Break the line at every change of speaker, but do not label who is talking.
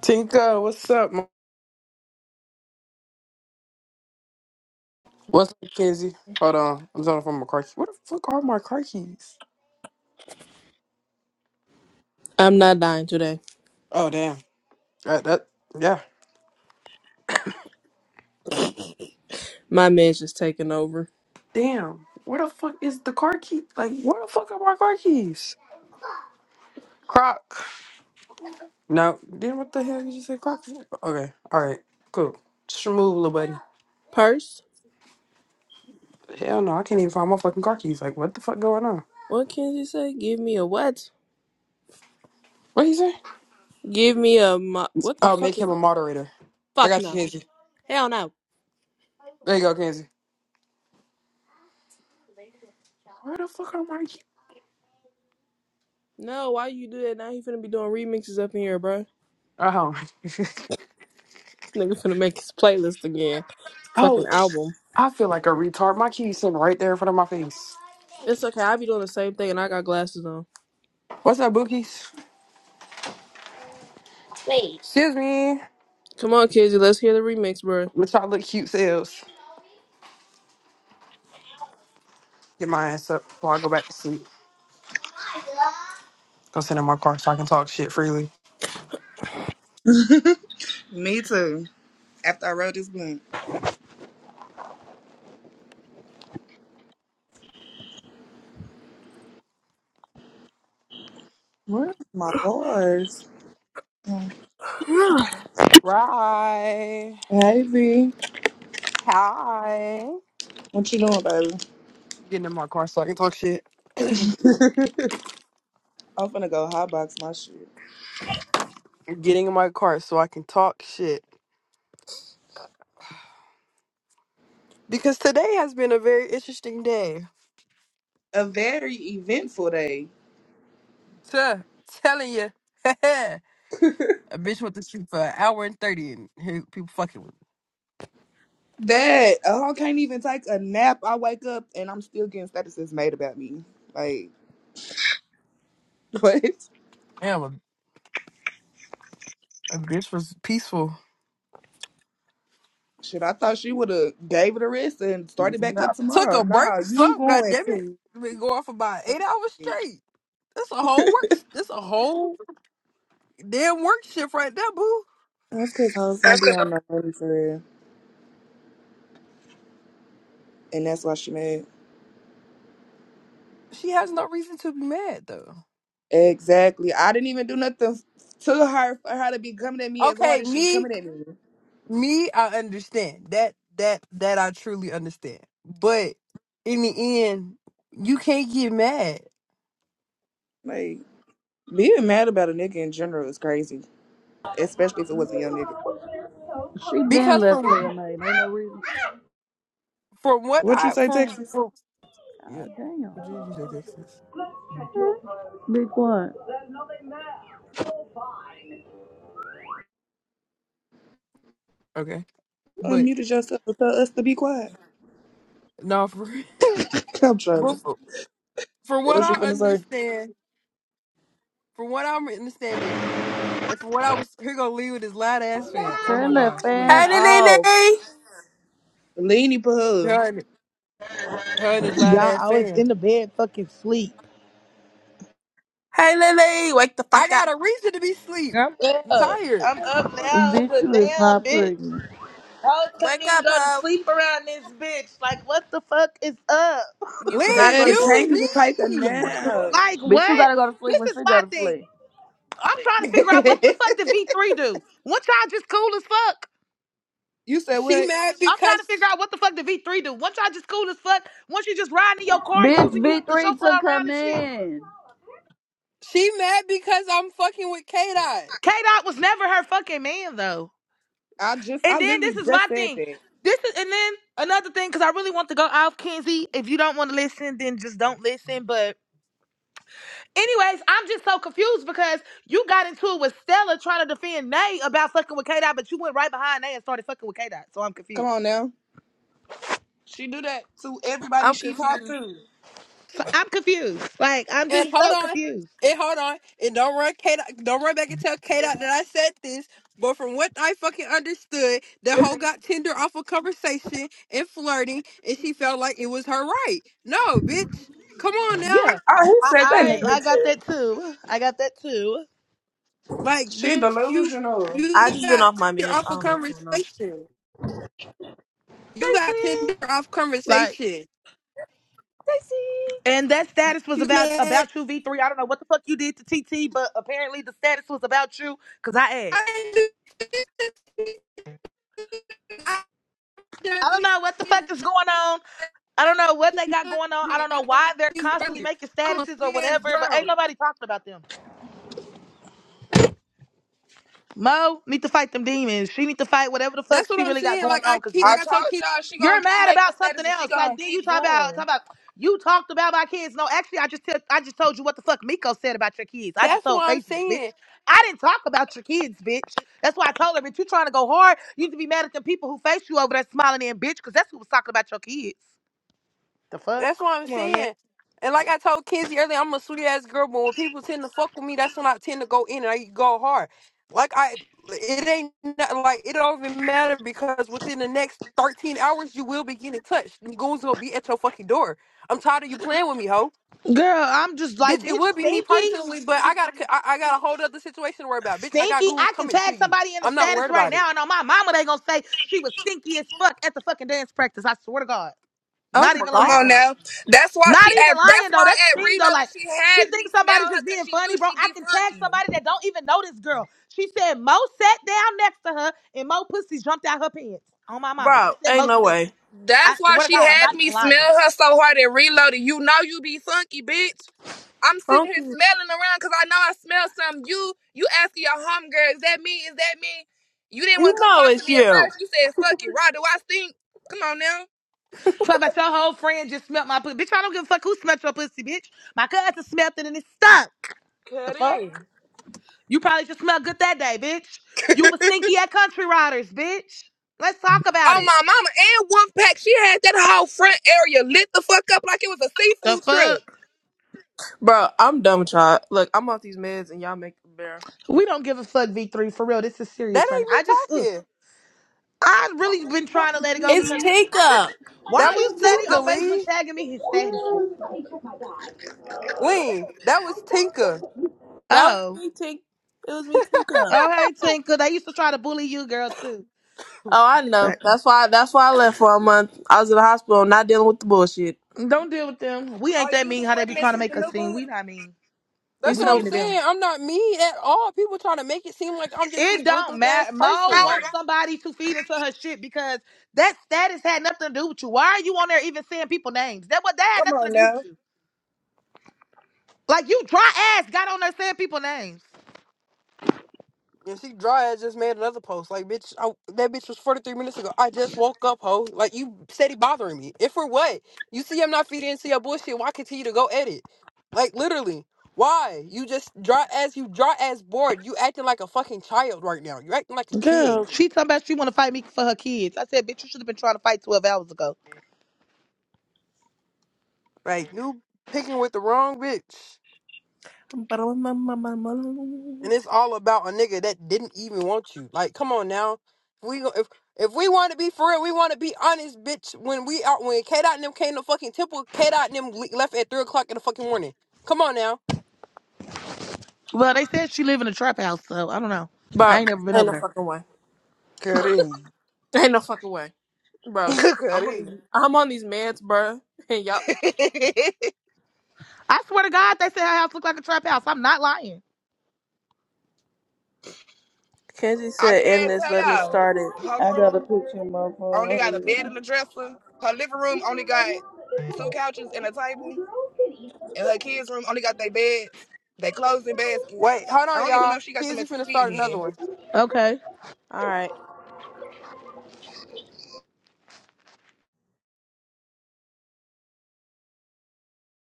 Tinka, what's up? ma- What's up, Kenzie? Hold on, I'm talking from my car keys. Where the fuck are my car keys?
I'm not dying today.
Oh damn, that, that yeah.
My man's just taking over.
Damn, where the fuck is the car key? Like, where the fuck are my car keys? Croc. No, then what the hell did you say, Croc? Okay, all right, cool. Just remove, little buddy.
Purse?
Hell no, I can't even find my fucking car keys. Like, what the fuck going on?
What can you say? Give me a what?
What he say?
Give me a mo- what the
Oh, make
fuck is
him a moderator. I
fuck
got you,
no?
Kenzie.
Hell no.
There you go, Kenzie. Where the fuck are my keys?
No, why you do that? Now he finna be doing remixes up in here, bro. This
Oh.
nigga finna make his playlist again.
Oh,
Fucking album.
I feel like a retard. My keys sitting right there in front of my face.
It's okay. I be doing the same thing, and I got glasses on.
What's up, Bookies? Excuse me.
Come on, kids, let's hear the remix, bro.
Let's try look cute selves. Get my ass up before I go back to sleep. Go sit in my car so I can talk shit freely.
Me too. After I rolled this blunt. Where's my boys? Mm.
hey,
Right.
Hey V,
Hi.
what you doing, baby?
Getting in my car so I can talk shit.
I'm finna go hotbox my shit.
Getting in my car so I can talk shit. Because today has been a very interesting day.
A very eventful day.
Tuh, telling you. a bitch went to sleep for an hour and 30 and here people fucking with
That I don't- can't even take a nap. I wake up and I'm still getting statuses made about me. Like what?
me. That bitch was peaceful.
Shit, I thought she would have gave it a rest and started back
Yeah.
up
Took
tomorrow.
a break,
Nah, you
some
going
goddamn it.
to?
Been going for about eight hours straight. That's a whole work. That's a whole damn work shift right there, boo.
That's cause hoes don't be on no money for real, and that's why she mad.
She has no reason to be mad though.
Exactly. I didn't even do nothing to her for her to be coming at me as hard
Okay,
as she
me,
coming at me.
me, I understand that. That that I truly understand. But in the end, you can't get mad
Like being mad about a nigga in general is crazy, especially if it wasn't your nigga.
She been
because
left player
from
made. Ain't no reason.
from what
What you
I
say,
from
Texas?
from yeah.
God
What
damn.
did you say, Texas?
Big one.
Okay, but
Unmuted yourself and tell us to be quiet.
no, for.
I'm trolling.
but from what
What you
I
finna say?
understand, from what I'm understanding, and from what I was here gonna leave with his loud ass fan. Oh my
Turn that
gosh,
fan
Lee.
off.
Lily.
Leany pull.
Her and, her and his loud
Y'all,
ass
I was
fan.
in the bed fucking sleep.
Hey, Lily. Wake the
I
fuck up.
got a reason to be sleep.
I'm
I'm
up.
tired.
I'm up now,
Bitch,
but
you is
damn,
not
bitch.
pregnant.
I was trying
Wake
to
up,
go to
ho.
sleep around this bitch. Like, what the fuck is up?
You cannot
Lee,
go to
Dad,
sleep.
you
can't even take a
me.
nap.
Like,
Bitch, you
what?
gotta go to sleep
This
when
is
she go
my
to
thing.
sleep.
I'm trying to figure out what the fuck did V3 do. Once y'all just cool as fuck.
you said
She
what?
mad
I'm trying to
because
figure out what the fuck did V3 do. Once y'all just cool as fuck. Once you just riding in your car
Bitch,
using you to
V3
chauffeur
took her
around and shit.
man.
she mad because I'm fucking with K Dot.
K Dot was never her fucking man though.
I just, I
And then
literally
this is my
just said
thing.
that.
This is and then another thing because I really want to go off Kenzie. If you don't want to listen, then just don't listen. But anyways, I'm just so confused because you got into it with Stella trying to defend Nay about fucking with K Dot, but you went right behind Nay and started fucking with K Dot. So I'm
Come
confused.
on now. She do that to everybody
I'm
she talked
confused.
to.
So I'm confused. Like I'm just
And hold
so
on.
confused.
And hold on. And don't run K Dot- don't run back and tell K dot that I said this. But from what I fucking understood, the hoe got Tinder off of conversation and flirting and she felt like it was her right. No, bitch. Come on now.
Yeah,
Oh, who
I
said that in the
I,
group
I got
chat?
that too. I got that too.
Like,
She
bitch, you
delusional.
you
I just been
got
off my
Tinder
meds.
off
I
of
don't know what's going on.
conversation. You got
See?
Tinder off
Like,
conversation.
and that status was
You
about
mad?
about you, V three. I don't know what the fuck you did to TT, but apparently the status was about you because I asked.
I didn't do this.
I don't know what the fuck is going on. I don't know what they got going on. I don't know why they're constantly making
I'm a
statuses or
sweet ass
whatever, but ain't
girl.
nobody talking about them. Mo need to fight them demons. She need to fight whatever the
That's
fuck
what
she
I'm
really got
saying.
going
Like I
on. Cause
keep,
I
like I
bitch,
told
told
Kiz,
y'all she gonna
you're
keep
mad
making
about
status
something
and she
else. Like
gonna
then you
keep
talk about
going.
talk about you talked about my kids. No, actually, I just tell, I just told you what the fuck Miko said about your kids. I just
that's what
told
I'm
Facebook, bitch.
saying.
I didn't talk about your kids, bitch. That's why I told her, bitch. You trying to go hard? You need to be mad at the people who face you over there smiling in, bitch. Cause that's who was talking about your kids. The
That's
fuck.
what I'm
Come on now.
saying. And like I told Kizzy earlier, I'm a sweet ass girl, but when people tend to fuck with me, that's when I tend to go in and I go hard. Like I, it ain't not, like it don't even matter because within the next 13 hours, you will be getting touched. And goons will be at your fucking door. I'm tired of you playing with me, ho.
Girl, I'm just
Bitch,
like,
it
bitch,
would be me
stinky,
personally, but I got a, I, I got a whole other situation to worry about. Bitch, I got
stinky.
goons
I can
coming to
tag
you.
somebody in the
I'm not
status
worried
right
about it.
now, and on my mama, they gonna say she was stinky as fuck at the fucking dance practice. I swear to God.
Oh
Not
my
even
Come
lying.
on
god,
now. That's why
Not
she
even
at that's
lying, though.
why
That's
at
the thing, though.
reloaded
Like,
she
she
had me
thinks somebody's
smell her
just
cause
being
she knew
funny, bro.
she
I
be
can tag
funky.
somebody that don't even know this girl. She said Mo sat down next to her, and Mo pussy jumped out her pants. On my mama.
bro,
She said
ain't
Mo
no
stinky.
way.
I
That's why
swear to
she
God, I'm
had
not
me
even lying.
smell her so hard at reloaded. You know you be funky, bitch. I'm sitting here
Funky,
smelling around cause I know I smell something. You you asking your homegirl, is that me? Is that me? You didn't want
you
to come
know
talk to
it's
me at
you,
first. You said fuck it, Rod, do I stink? Come on now.
Talk about your whole friend just smelt my pussy. Bitch, I don't give a fuck who smelt your pussy, bitch. My cousin smelt it and it stunk. The
Cut
fuck?
in.
You probably just smelled good that day, bitch. You was stinky at Country Riders, bitch. Let's talk about
Oh
it.
my mama and one pack, she had that whole front area lit the fuck up like it was a
The
seafood truck.
fuck?
bro. I'm done with y'all. Look, I'm off these meds, and y'all make it bear.
We don't give a fuck, V3. For real, this is
That
serious right now.
ain't
I just,
me
ugh.
talking.
i really been trying to let it go
It's
because I just,
Tinka.
why
That
are
was
you steady
Tinka
on Facebook
Lee.
tagging me his statuses?
Lean. That was Tinka.
That was
Oh.
me, Tink. It was me, Tinka.
Oh, hey, Tinker. They used to try to bully you, girl, too.
Oh, I
It's
know.
like,
That's why. That's why I left for a month. I was in the hospital, not dealing with the bullshit.
don't deal with them. We ain't
Are
that
you the
mean how they be
one that's
trying to
in the
make us
new
seem.
book?
We not mean.
You
That's
We
said,
what I'm
mean
bro,
to them.
saying. I'm not me at all. People trying to make it seem like I'm just
It
this
don't
ruthless ass
matter. Mo
person.
wants somebody to feed into her shit because that status had nothing to do with you. Why are you on there even saying people names? That what that had
Come
nothing
on
to do with
now.
you. Like you dry ass got on there saying people names.
And she dry ass just made another post. Like, bitch, I, that bitch was 43 minutes ago. I just woke up, ho. Like, you steady bothering me. And for what? You see, I'm not feeding into your bullshit. Why continue to go edit? Like, literally. Why? You just dry ass, you dry ass bored. You acting like a fucking child right now. You acting like a kid.
Girl, She talking about she want to fight me for her kids. I said, bitch, you should have been trying to fight twelve hours ago.
Like, you picking with the wrong bitch. And it's all about a nigga that didn't even want you. Like, come on now. If we go- if if we want to be for real, we want to be honest, bitch. When we out, when K dot and them came to fucking temple, K dot and them le- left at three o'clock in the fucking morning. Come on now.
Well, they said she live in a trap house, so I don't know. I ain't never been
ain't
over
no
there.
fucking way.
Cuddy.
Ain't no fucking way, bro. I'm on
Cuddy.
these, I'm on these meds, bro. And y'all.
I swear to God, they said her house looked like a trap house. I'm not lying.
Kenzie
I
said, "End
can't
this.
tell
Let me
y'all.
start it."
Her
I got a
room
picture,
only got a bed and
motherfucker.
a dresser. Her living room only got two couches and a table. And her kids' room only got their beds, their clothes and baskets.
Wait, hold
I
on,
don't even know
y'all.
if she got them
Kizzy
a
finna
TV
start
again.
another one.
Okay.
All right.